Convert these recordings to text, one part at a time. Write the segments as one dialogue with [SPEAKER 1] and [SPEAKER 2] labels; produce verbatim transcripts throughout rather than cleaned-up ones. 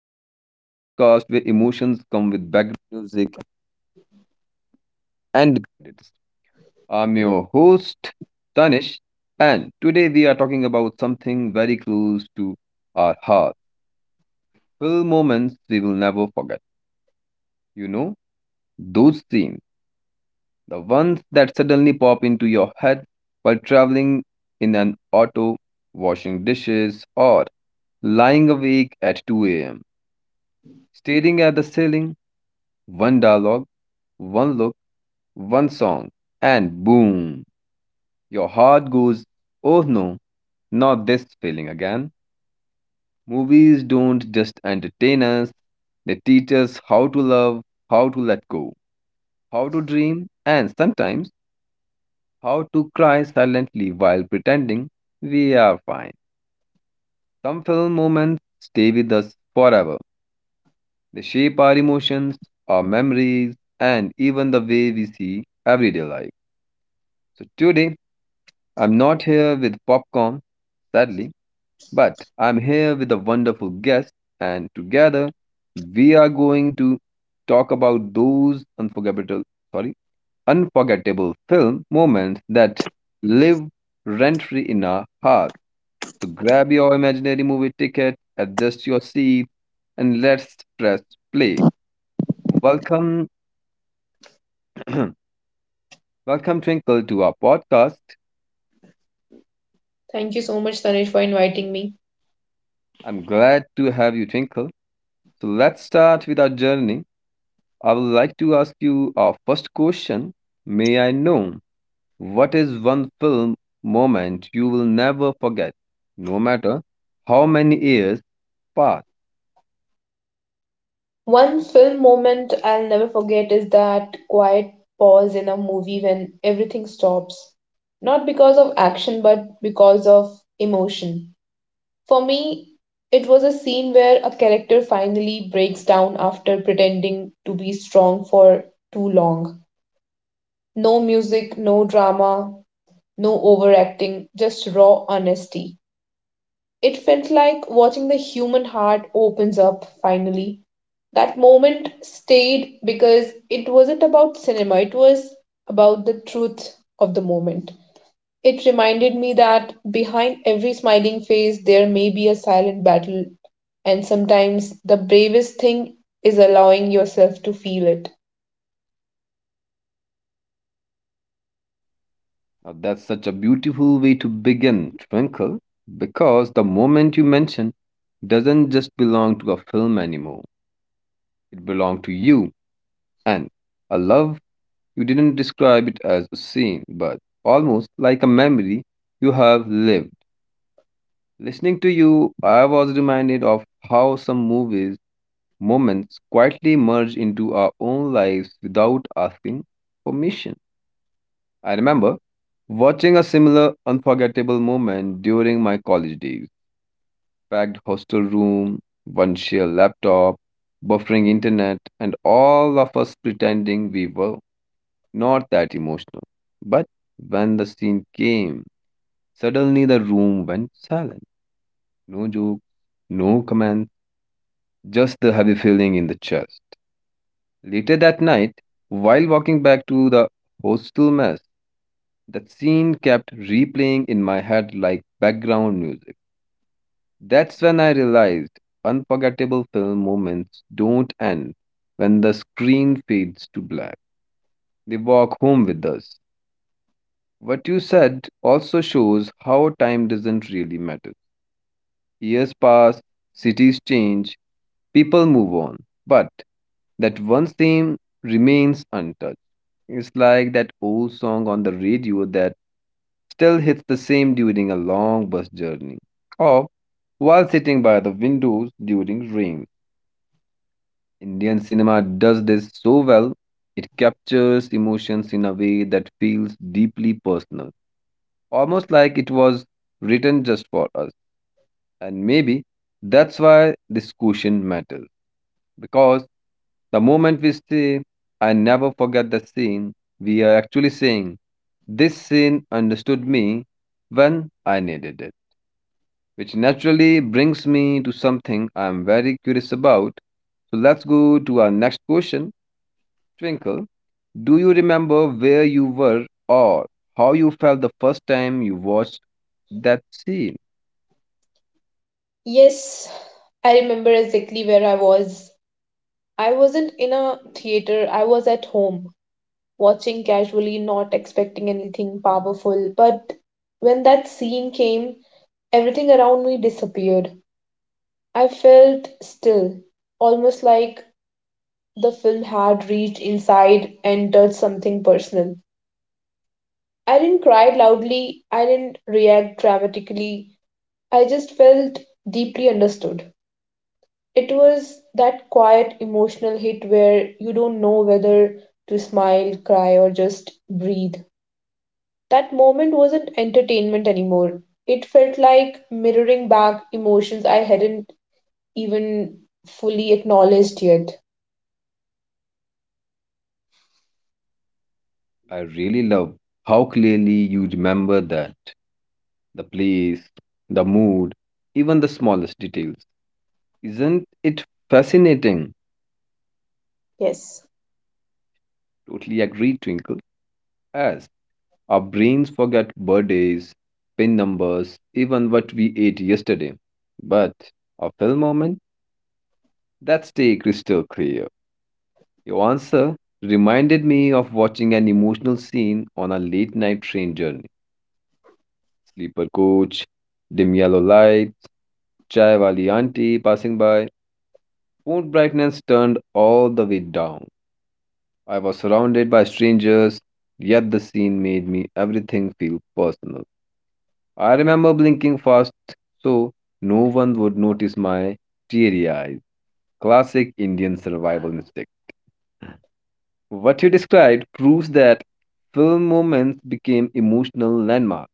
[SPEAKER 1] Welcome back to the podcast where emotions come with background music and credits. I'm your host, Tanish, and today we are talking about something very close to our heart. Full moments we will never forget. You know, those scenes, the ones that suddenly pop into your head while traveling in an auto, washing dishes, or lying awake at two a m, staring at the ceiling, one dialogue, one look one song, and boom, your heart goes, oh no, not this feeling again. Movies don't just entertain us, they teach us how to love, how to let go, how to dream, and sometimes how to cry silently while pretending we are fine. Some film moments stay with us forever. They shape our emotions, our memories, and even the way we see everyday life. So today, I'm not here with popcorn, sadly. But I'm here with a wonderful guest, and together we are going to talk about those unforgettable, sorry, unforgettable film moments that live rent free in our hearts. So grab your imaginary movie ticket, adjust your seat, and let's press play. Welcome, welcome Twinkle to our podcast.
[SPEAKER 2] Thank you so much, Tanesh, for inviting me.
[SPEAKER 1] I'm glad to have you, Twinkle. So let's start with our journey. I would like to ask you a first question. May I know what is one film moment you will never forget, no matter how many years pass?
[SPEAKER 2] One film moment I'll never forget is that quiet pause in a movie when everything stops. Not because of action, but because of emotion. For me, it was a scene where a character finally breaks down after pretending to be strong for too long. No music, no drama, no overacting, just raw honesty. It felt like watching the human heart opens up finally that moment stayed because it wasn't about cinema, it was about the truth of the moment. It reminded me that behind every smiling face, there may be a silent battle, and sometimes the bravest thing is allowing yourself to feel it.
[SPEAKER 1] Now, that's such a beautiful way to begin, Twinkle, because the moment you mention doesn't just belong to a film anymore, it belongs to you. And I love you didn't describe it as a scene, but almost like a memory you have lived. Listening to you, I was reminded of how some movies, moments quietly merge into our own lives without asking permission. I remember watching a similar unforgettable moment during my college days. Packed hostel room, one shared laptop, buffering internet, and all of us pretending we were not that emotional. But when the scene came, suddenly the room went silent. No joke, no comments just the heavy feeling in the chest. Later that night, while walking back to the hostel mess, that scene kept replaying in my head like background music. That's when I realized unforgettable film moments don't end when the screen fades to black. They walk home with us. What you said also shows how time doesn't really matter. Years pass, cities change, people move on. But that one theme remains untouched. It's like that old song on the radio that still hits the same during a long bus journey or while sitting by the windows during rain. Indian cinema does this so well, it captures emotions in a way that feels deeply personal, almost like it was written just for us. And maybe that's why this question matters because the moment we say, I never forget the scene, we are actually saying, this scene understood me when I needed it. Which naturally brings me to something I am very curious about. So let's go to our next question. Twinkle, do you remember where you were or how you felt the first time you watched that scene?
[SPEAKER 2] Yes, I remember exactly where I was. I wasn't in a theater, I was at home, watching casually, not expecting anything powerful. But when that scene came, everything around me disappeared. I felt still, almost like the film had reached inside and touched something personal. I didn't cry loudly, I didn't react dramatically, I just felt deeply understood. It was that quiet emotional hit where you don't know whether to smile, cry, or just breathe. That moment wasn't entertainment anymore. It felt like mirroring back emotions I hadn't even fully acknowledged yet.
[SPEAKER 1] I really love how clearly you remember that the place, the mood, even the smallest details. Isn't it fascinating?
[SPEAKER 2] Yes.
[SPEAKER 1] Totally agree, Twinkle. As our brains forget birthdays, pin numbers, even what we ate yesterday. But our film moment, that stay crystal clear. Your answer reminded me of watching an emotional scene on a late night train journey. Sleeper coach, dim yellow lights, chai wali auntie passing by, phone brightness turned all the way down. I was surrounded by strangers, yet the scene made me everything feel personal. I remember blinking fast so no one would notice my teary eyes. Classic Indian survival mistake. What you described proves that film moments became emotional landmarks.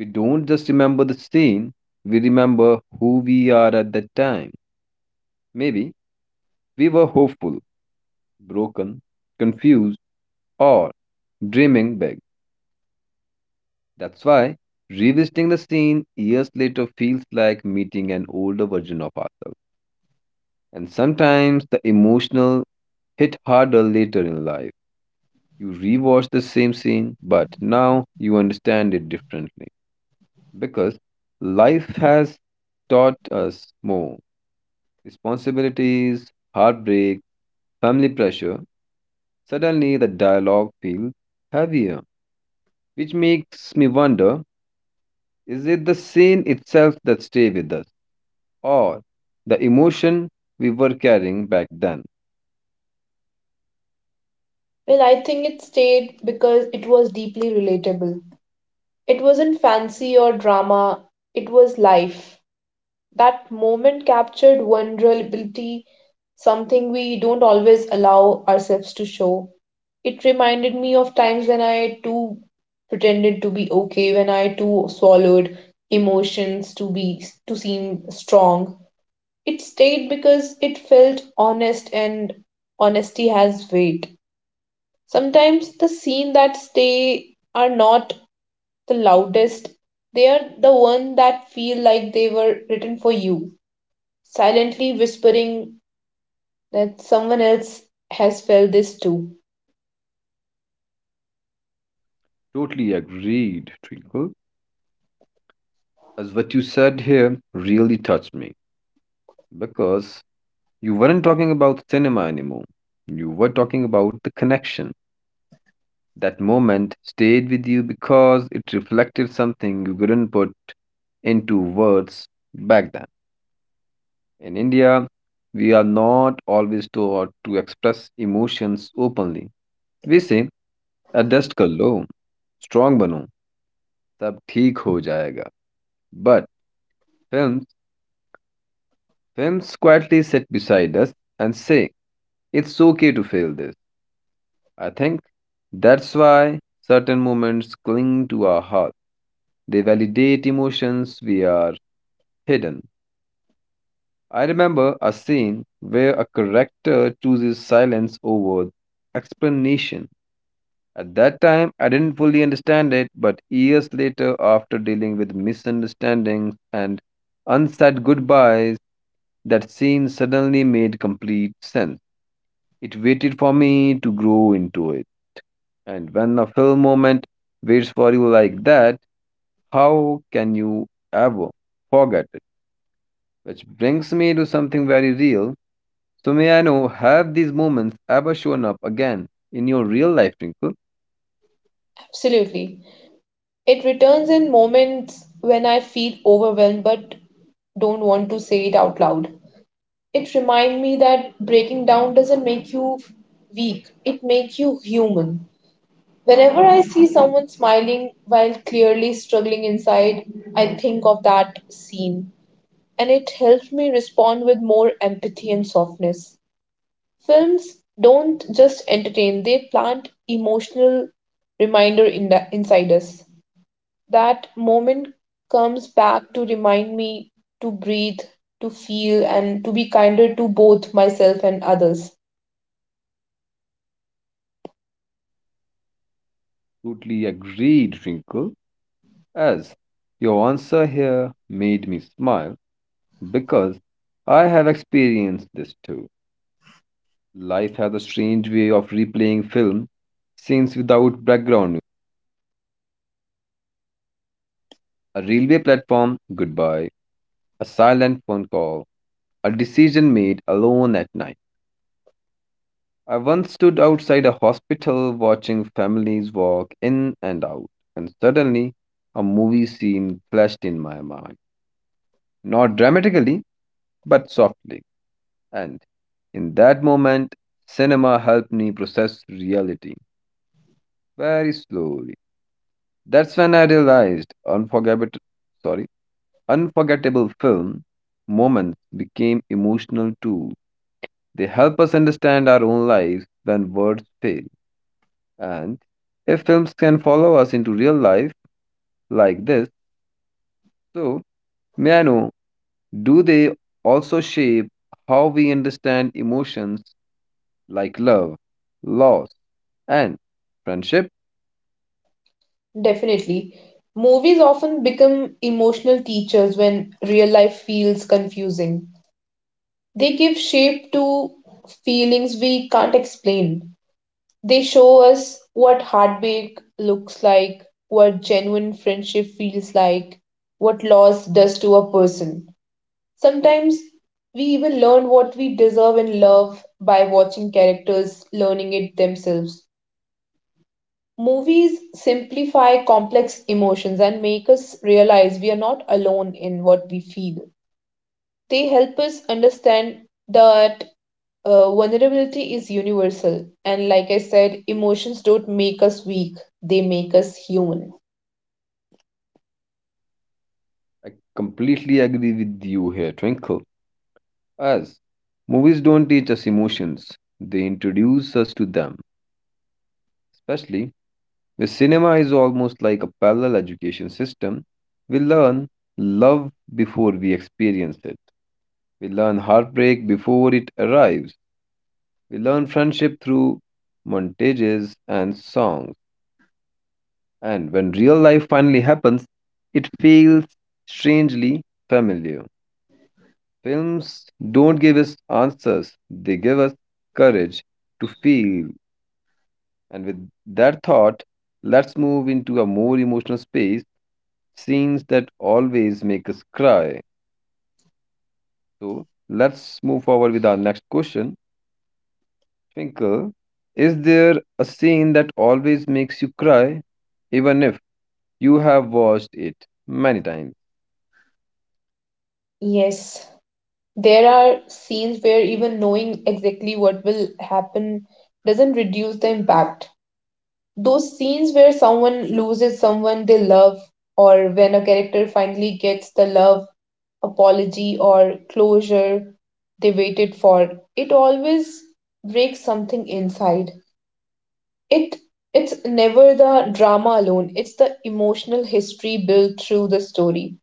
[SPEAKER 1] We don't just remember the scene, we remember who we are at that time. Maybe we were hopeful, broken, confused, or dreaming big. That's why revisiting the scene years later feels like meeting an older version of ourselves. And sometimes the emotional hit harder later in life. You rewatch the same scene, but now you understand it differently. Because life has taught us more responsibilities, heartbreak, family pressure. Suddenly the dialogue feels heavier, which makes me wonder is it the scene itself that stay with us? Or the emotion we were carrying back then.
[SPEAKER 2] Well, I think it stayed because it was deeply relatable. It wasn't fancy or drama, it was life. That moment captured vulnerability, something we don't always allow ourselves to show. It reminded me of times when I too pretended to be okay, when I too swallowed emotions to be to seem strong. It stayed because it felt honest, and honesty has weight. Sometimes the scenes that stay are not the loudest. They are the ones that feel like they were written for you, silently whispering that someone else has felt this too.
[SPEAKER 1] Totally agreed, Twinkle. As what you said here really touched me because you weren't talking about cinema anymore. You were talking about the connection. That moment stayed with you because it reflected something you couldn't put into words back then. In India, we are not always taught to express emotions openly. We say, adjust kar lo, strong bano, सब ठीक हो जाएगा. But films films quietly sit beside us and say it's okay to fail this. I think that's why certain moments cling to our heart. They validate emotions we are hidden. I remember a scene where a character chooses silence over explanation. At that time I didn't fully understand it, but years later after dealing with misunderstandings and unsaid goodbyes, that scene suddenly made complete sense. It waited for me to grow into it. And when a film moment waits for you like that, how can you ever forget it? Which brings me to something very real. So, may I know, have these moments ever shown up again in your real life, Twinkle?
[SPEAKER 2] Absolutely. It returns in moments when I feel overwhelmed but don't want to say it out loud. It reminds me that breaking down doesn't make you weak, it makes you human. Whenever I see someone smiling while clearly struggling inside, I think of that scene, and it helps me respond with more empathy and softness. Films don't just entertain, they plant emotional reminder in the, inside us. That moment comes back to remind me to breathe, to feel, and to be kinder to both myself and others.
[SPEAKER 1] Totally agreed, Twinkle. As your answer here made me smile because I have experienced this too. Life has a strange way of replaying film scenes without background music. A railway platform, goodbye. A silent phone call. A decision made alone at night. I once stood outside a hospital watching families walk in and out, and suddenly a movie scene flashed in my mind. Not dramatically, but softly. And in that moment, cinema helped me process reality very slowly. That's when I realized unforgettable. Sorry. unforgettable film moments became emotional tools. They help us understand our own lives when words fail. And if films can follow us into real life like this, so may I know, do they also shape how we understand emotions like love, loss, and friendship?
[SPEAKER 2] Definitely. Movies often become emotional teachers when real life feels confusing. They give shape to feelings we can't explain. They show us what heartbreak looks like, what genuine friendship feels like, what loss does to a person. Sometimes we even learn what we deserve in love by watching characters learning it themselves. Movies simplify complex emotions and make us realize we are not alone in what we feel. They help us understand that uh, vulnerability is universal. And like I said, emotions don't make us weak, they make us human.
[SPEAKER 1] I completely agree with you here, Twinkle. As movies don't teach us emotions, they introduce us to them, especially where cinema is almost like a parallel education system. We learn love before we experience it. We learn heartbreak before it arrives. We learn friendship through montages and songs. And when real life finally happens, it feels strangely familiar. Films don't give us answers, they give us courage to feel. And with that thought, let's move into a more emotional space scenes that always make us cry. So let's move forward with our next question. Twinkle, is there a scene that always makes you cry, even if you have watched it many times?
[SPEAKER 2] Yes, there are scenes where even knowing exactly what will happen doesn't reduce the impact. Those scenes where someone loses someone they love, or when a character finally gets the love, apology, or closure they waited for, it always breaks something inside. It it's never the drama alone, it's the emotional history built through the story.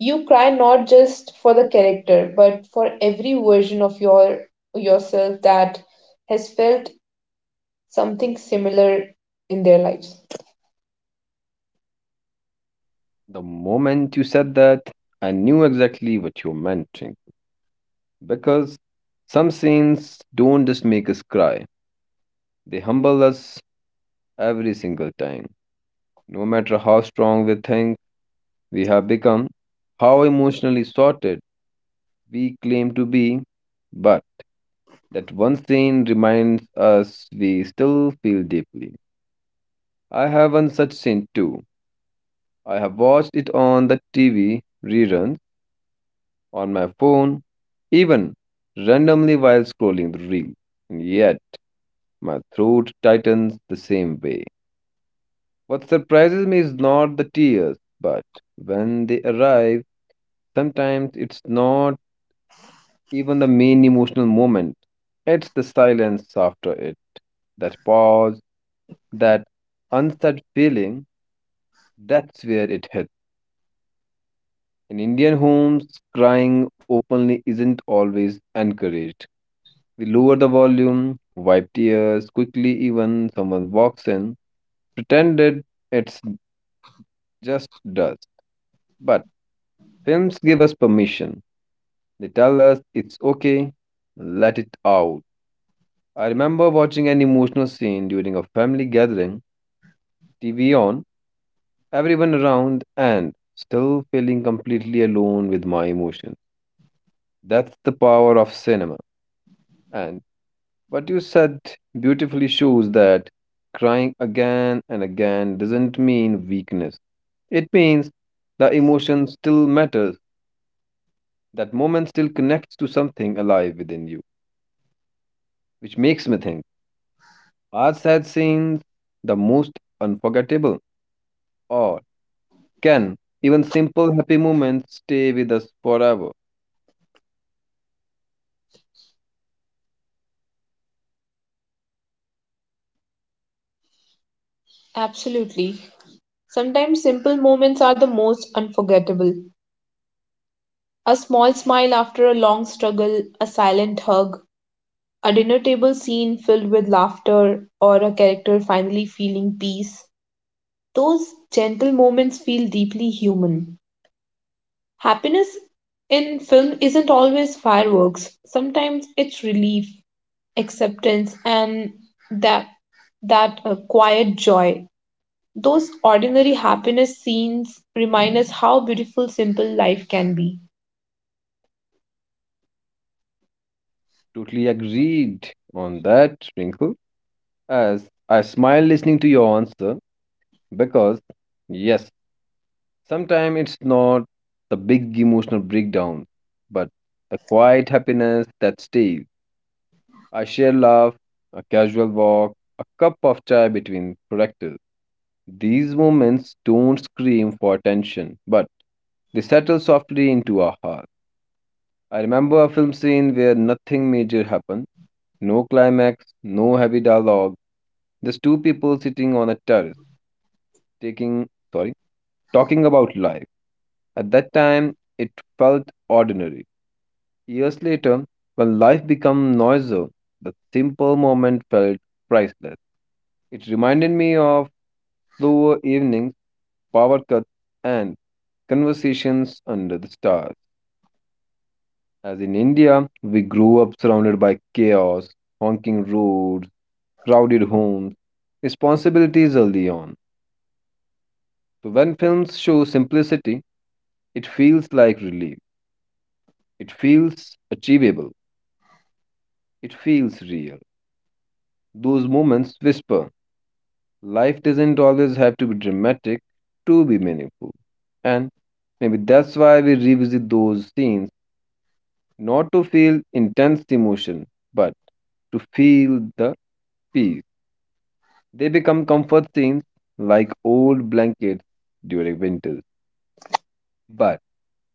[SPEAKER 2] You cry not just for the character, but for every version of your yourself that has felt something similar in their lives.
[SPEAKER 1] The moment you said that, I knew exactly what you meant, Twinkle, because some scenes don't just make us cry, they humble us every single time. No matter how strong we think we have become, how emotionally sorted we claim to be, but that one scene reminds us we still feel deeply. I have one such scene too. I have watched it on the T V, reruns, on my phone, even randomly while scrolling the reel. And yet, my throat tightens the same way. What surprises me is not the tears, but when they arrive, sometimes it's not even the main emotional moment, it's the silence after it, that pause, that unsaid feeling, that's where it hits. In Indian homes, crying openly isn't always encouraged. We lower the volume, wipe tears quickly, even someone walks in, pretended it's just dust. But films give us permission. They tell us it's okay, let it out. I remember watching an emotional scene during a family gathering, T V on, everyone around, and still feeling completely alone with my emotions. That's the power of cinema. And what you said beautifully shows that crying again and again doesn't mean weakness. It means the emotion still matters, that moment still connects to something alive within you, which makes me think are sad scenes the most unforgettable, or can even simple happy moments stay with us forever?
[SPEAKER 2] Absolutely. Sometimes simple moments are the most unforgettable. A small smile after a long struggle, a silent hug, a dinner table scene filled with laughter, or a character finally feeling peace. Those gentle moments feel deeply human. Happiness in film isn't always fireworks. Sometimes it's relief, acceptance, and that that uh, quiet joy. Those ordinary happiness scenes remind us how beautiful simple life can be.
[SPEAKER 1] Totally agreed on that, Twinkle. As I smile listening to your answer, because yes, sometimes it's not the big emotional breakdown, but the quiet happiness that stays. A shared laugh, a casual walk, a cup of chai between productive. These moments don't scream for attention, but they settle softly into our heart. I remember a film scene where nothing major happened, no climax, no heavy dialogue, just two people sitting on a terrace, taking, sorry, talking about life. At that time, it felt ordinary. Years later, when life became noisier, the simple moment felt priceless. It reminded me of slower evenings, power cuts, and conversations under the stars. As in India, we grew up surrounded by chaos, honking roads, crowded homes, responsibilities early on. So when films show simplicity, it feels like relief. It feels achievable. It feels real. Those moments whisper life doesn't always have to be dramatic to be meaningful. And maybe that's why we revisit those scenes not to feel intense emotion, but to feel the peace. They become comfort scenes like old blankets during winters. But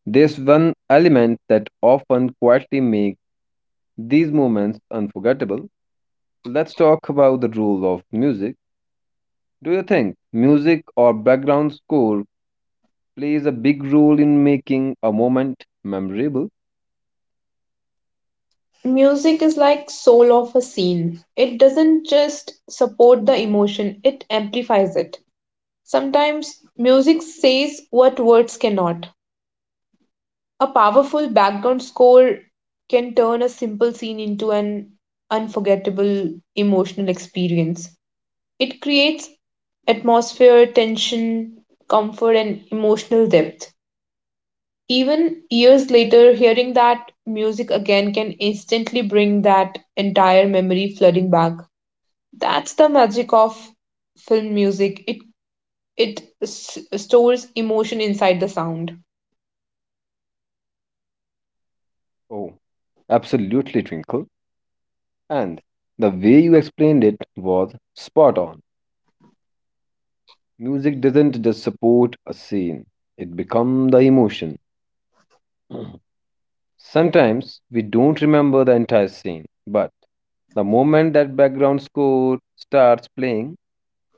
[SPEAKER 1] there's one element that often quietly makes these moments unforgettable. Let's talk about the role of music. Do you think music or background score plays a big role in making a moment memorable?
[SPEAKER 2] Music is like soul of a scene. It doesn't just support the emotion, it amplifies it. Sometimes music says what words cannot. A powerful background score can turn a simple scene into an unforgettable emotional experience. It creates atmosphere, tension, comfort, and emotional depth. Even years later, hearing that music again can instantly bring that entire memory flooding back. That's the magic of film music. It it s- stores emotion inside the sound.
[SPEAKER 1] Oh, absolutely, Twinkle. And the way you explained it was spot on. Music doesn't just support a scene, it becomes the emotion. Sometimes we don't remember the entire scene, but the moment that background score starts playing,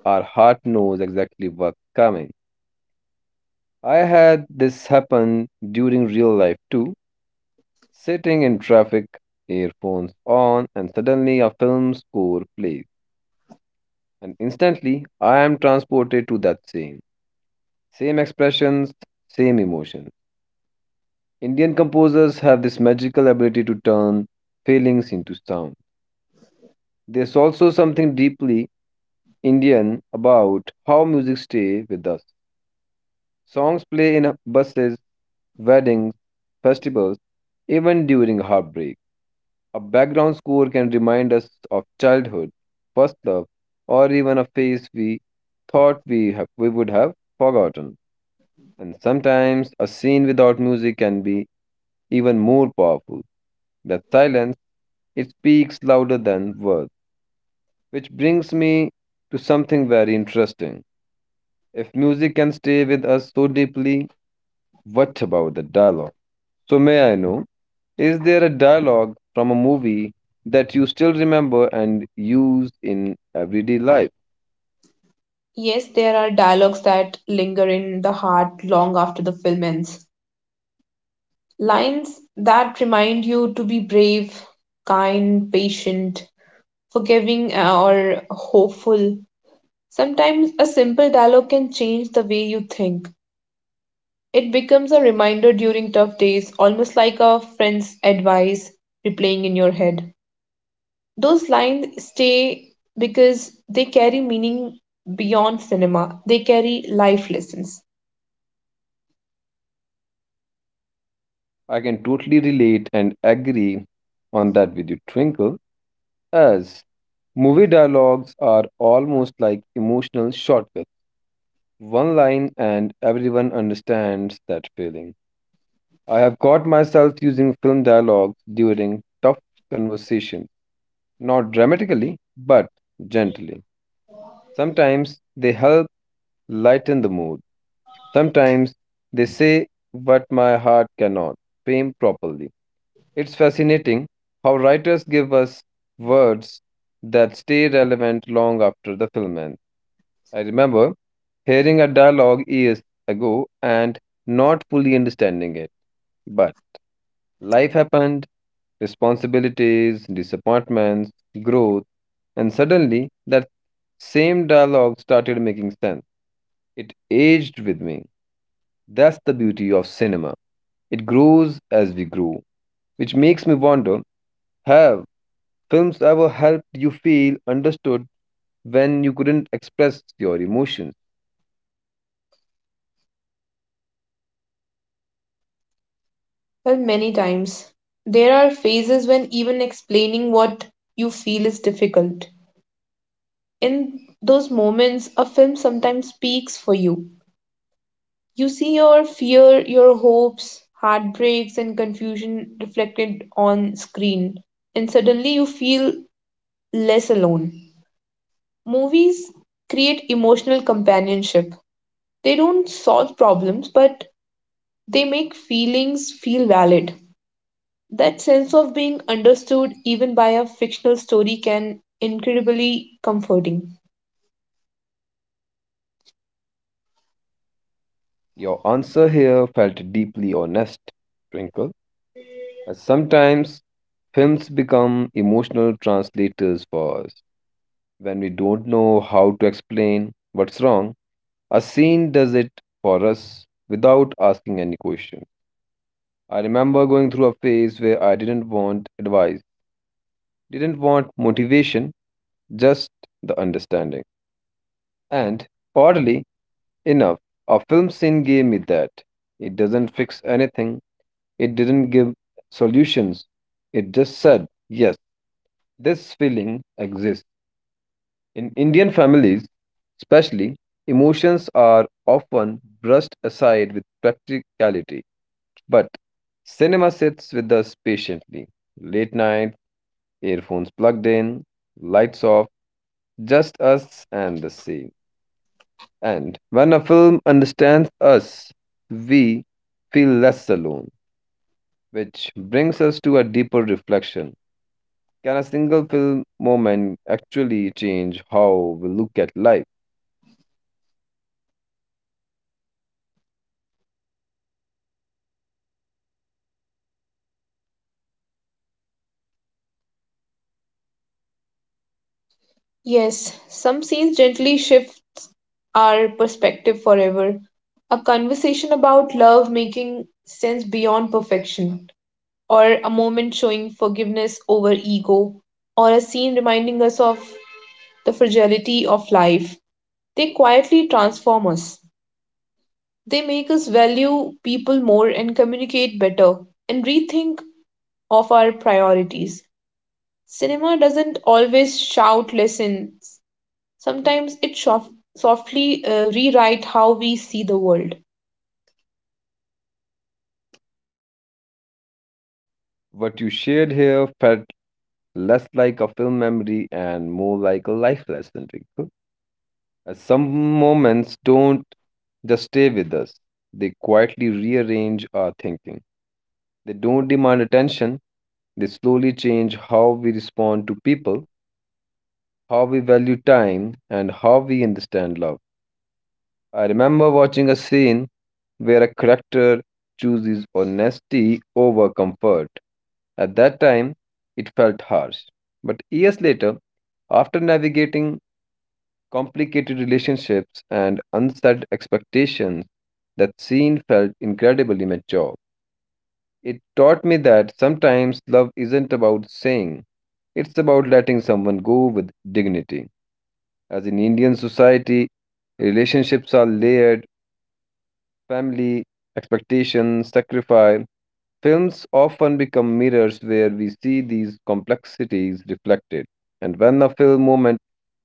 [SPEAKER 1] our heart knows exactly what's coming. I had this happen during real life too. Sitting in traffic, earphones on, and suddenly a film score plays. And instantly, I am transported to that scene. Same expressions, same emotions. Indian composers have this magical ability to turn feelings into sound. There's also something deeply Indian about how music stays with us. Songs play in buses, weddings, festivals, even during heartbreak. A background score can remind us of childhood, first love, or even a face we thought we, have, we would have forgotten. And sometimes a scene without music can be even more powerful. That silence, it speaks louder than words. Which brings me to something very interesting. If music can stay with us so deeply, what about the dialogue? So, may I know? Is there a dialogue from a movie that you still remember and use in everyday life?
[SPEAKER 2] Yes, there are dialogues that linger in the heart long after the film ends. Lines that remind you to be brave, kind, patient, forgiving, uh, or hopeful. Sometimes a simple dialogue can change the way you think. It becomes a reminder during tough days, almost like a friend's advice replaying in your head. Those lines stay because they carry meaning beyond cinema, they carry life lessons.
[SPEAKER 1] I can totally relate and agree on that with you, Twinkle, as movie dialogues are almost like emotional shortcuts. One line, and everyone understands that feeling. I have caught myself using film dialogues during tough conversations, not dramatically, but gently. Sometimes they help lighten the mood. Sometimes they say what my heart cannot frame properly. It's fascinating how writers give us words that stay relevant long after the film ends. I remember hearing a dialogue years ago and not fully understanding it. But life happened, responsibilities, disappointments, growth, and suddenly that same dialogue started making sense. It aged with me. That's the beauty of cinema. It grows as we grow, which makes me wonder, have films ever helped you feel understood when you couldn't express your emotions?
[SPEAKER 2] Well, many times there are phases when even explaining what you feel is difficult. In those moments, a film sometimes speaks for you. You see your fear, your hopes, heartbreaks, and confusion reflected on screen, and suddenly you feel less alone. Movies create emotional companionship. They don't solve problems, but they make feelings feel valid. That sense of being understood, even by a fictional story, can incredibly comforting.
[SPEAKER 1] Your answer here felt deeply honest, Twinkle. As sometimes films become emotional translators for us. When we don't know how to explain what's wrong, a scene does it for us without asking any question. I remember going through a phase where I didn't want advice, didn't want motivation, just the understanding. And oddly enough, a film scene gave me that. It doesn't fix anything, it didn't give solutions. It just said, yes, this feeling exists. In Indian families, especially, emotions are often brushed aside with practicality. But cinema sits with us patiently. Late night, earphones plugged in, lights off, just us and the scene. And when a film understands us, we feel less alone, which brings us to a deeper reflection. Can a single film moment actually change how we look at life?
[SPEAKER 2] Yes, some scenes gently shifts our perspective forever. A conversation about love making sense beyond perfection, or a moment showing forgiveness over ego, or a scene reminding us of the fragility of life. They quietly transform us. They make us value people more and communicate better and rethink of our priorities. Cinema doesn't always shout lessons. Sometimes it soft softly uh, rewrite how we see the world.
[SPEAKER 1] What you shared here felt less like a film memory and more like a life lesson, Rico. As some moments don't just stay with us, they quietly rearrange our thinking. They don't demand attention, they slowly change how we respond to people, how we value time, and how we understand love. I remember watching a scene where a character chooses honesty over comfort. At that time, it felt harsh. But years later, after navigating complicated relationships and unset expectations, that scene felt incredibly mature. It taught me that sometimes love isn't about saying, it's about letting someone go with dignity. As in Indian society, relationships are layered, family, expectations, sacrifice. Films often become mirrors where we see these complexities reflected. And when a film moment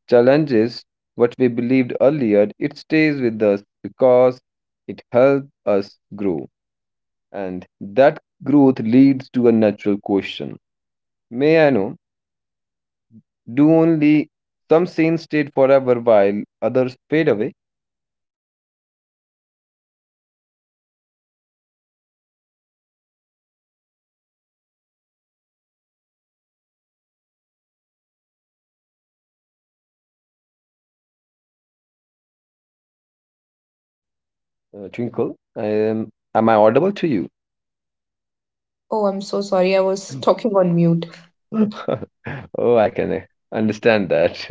[SPEAKER 1] challenges what we believed earlier, it stays with us because it helps us grow. And that growth leads to a natural question. May I know, do only some scenes stay forever while others fade away? Uh, Twinkle, I am. Am I audible to you?
[SPEAKER 2] Oh, I'm so sorry. I was talking on mute.
[SPEAKER 1] Oh, I can uh, understand that.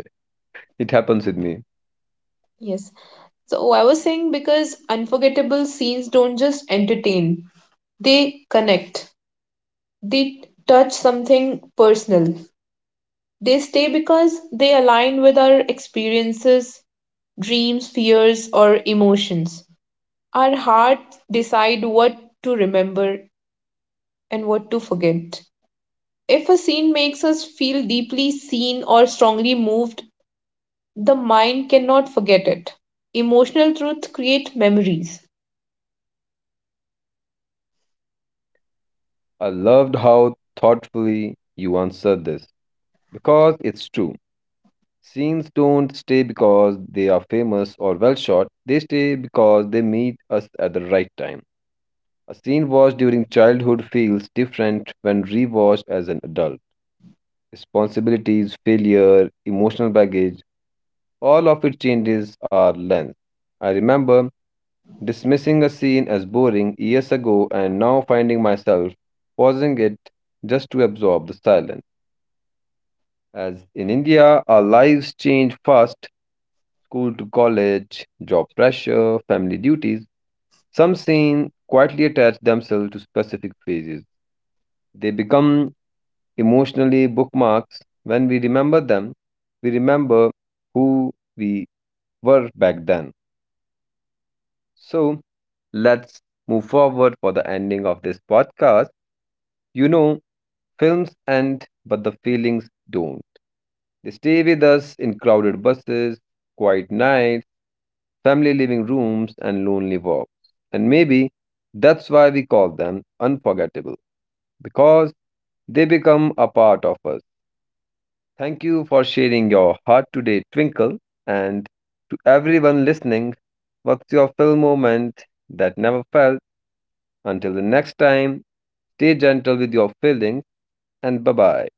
[SPEAKER 1] It happens with me.
[SPEAKER 2] Yes. So I was saying because unforgettable scenes don't just entertain, they connect. They touch something personal. They stay because they align with our experiences, dreams, fears, or emotions. Our hearts decide what to remember and what to forget. If a scene makes us feel deeply seen or strongly moved, the mind cannot forget it. Emotional truth create memories.
[SPEAKER 1] I loved how thoughtfully you answered this because it's true. Scenes don't stay because they are famous or well shot, they stay because they meet us at the right time. A scene watched during childhood feels different when rewatched as an adult. Responsibilities, failure, emotional baggage, all of it changes our lens. I remember dismissing a scene as boring years ago and now finding myself pausing it just to absorb the silence. As in India, our lives change fast, school to college, job pressure, family duties. Some scenes quietly attach themselves to specific phases. They become emotionally bookmarks. When we remember them, we remember who we were back then. So let's move forward for the ending of this podcast. You know, films end, but the feelings don't. They stay with us in crowded buses, quiet nights, family living rooms, and lonely walks. And maybe that's why we call them unforgettable, because they become a part of us. Thank you for sharing your heart today, Twinkle. And to everyone listening, what's your film moment that never felt? Until the next time, stay gentle with your feelings and bye bye.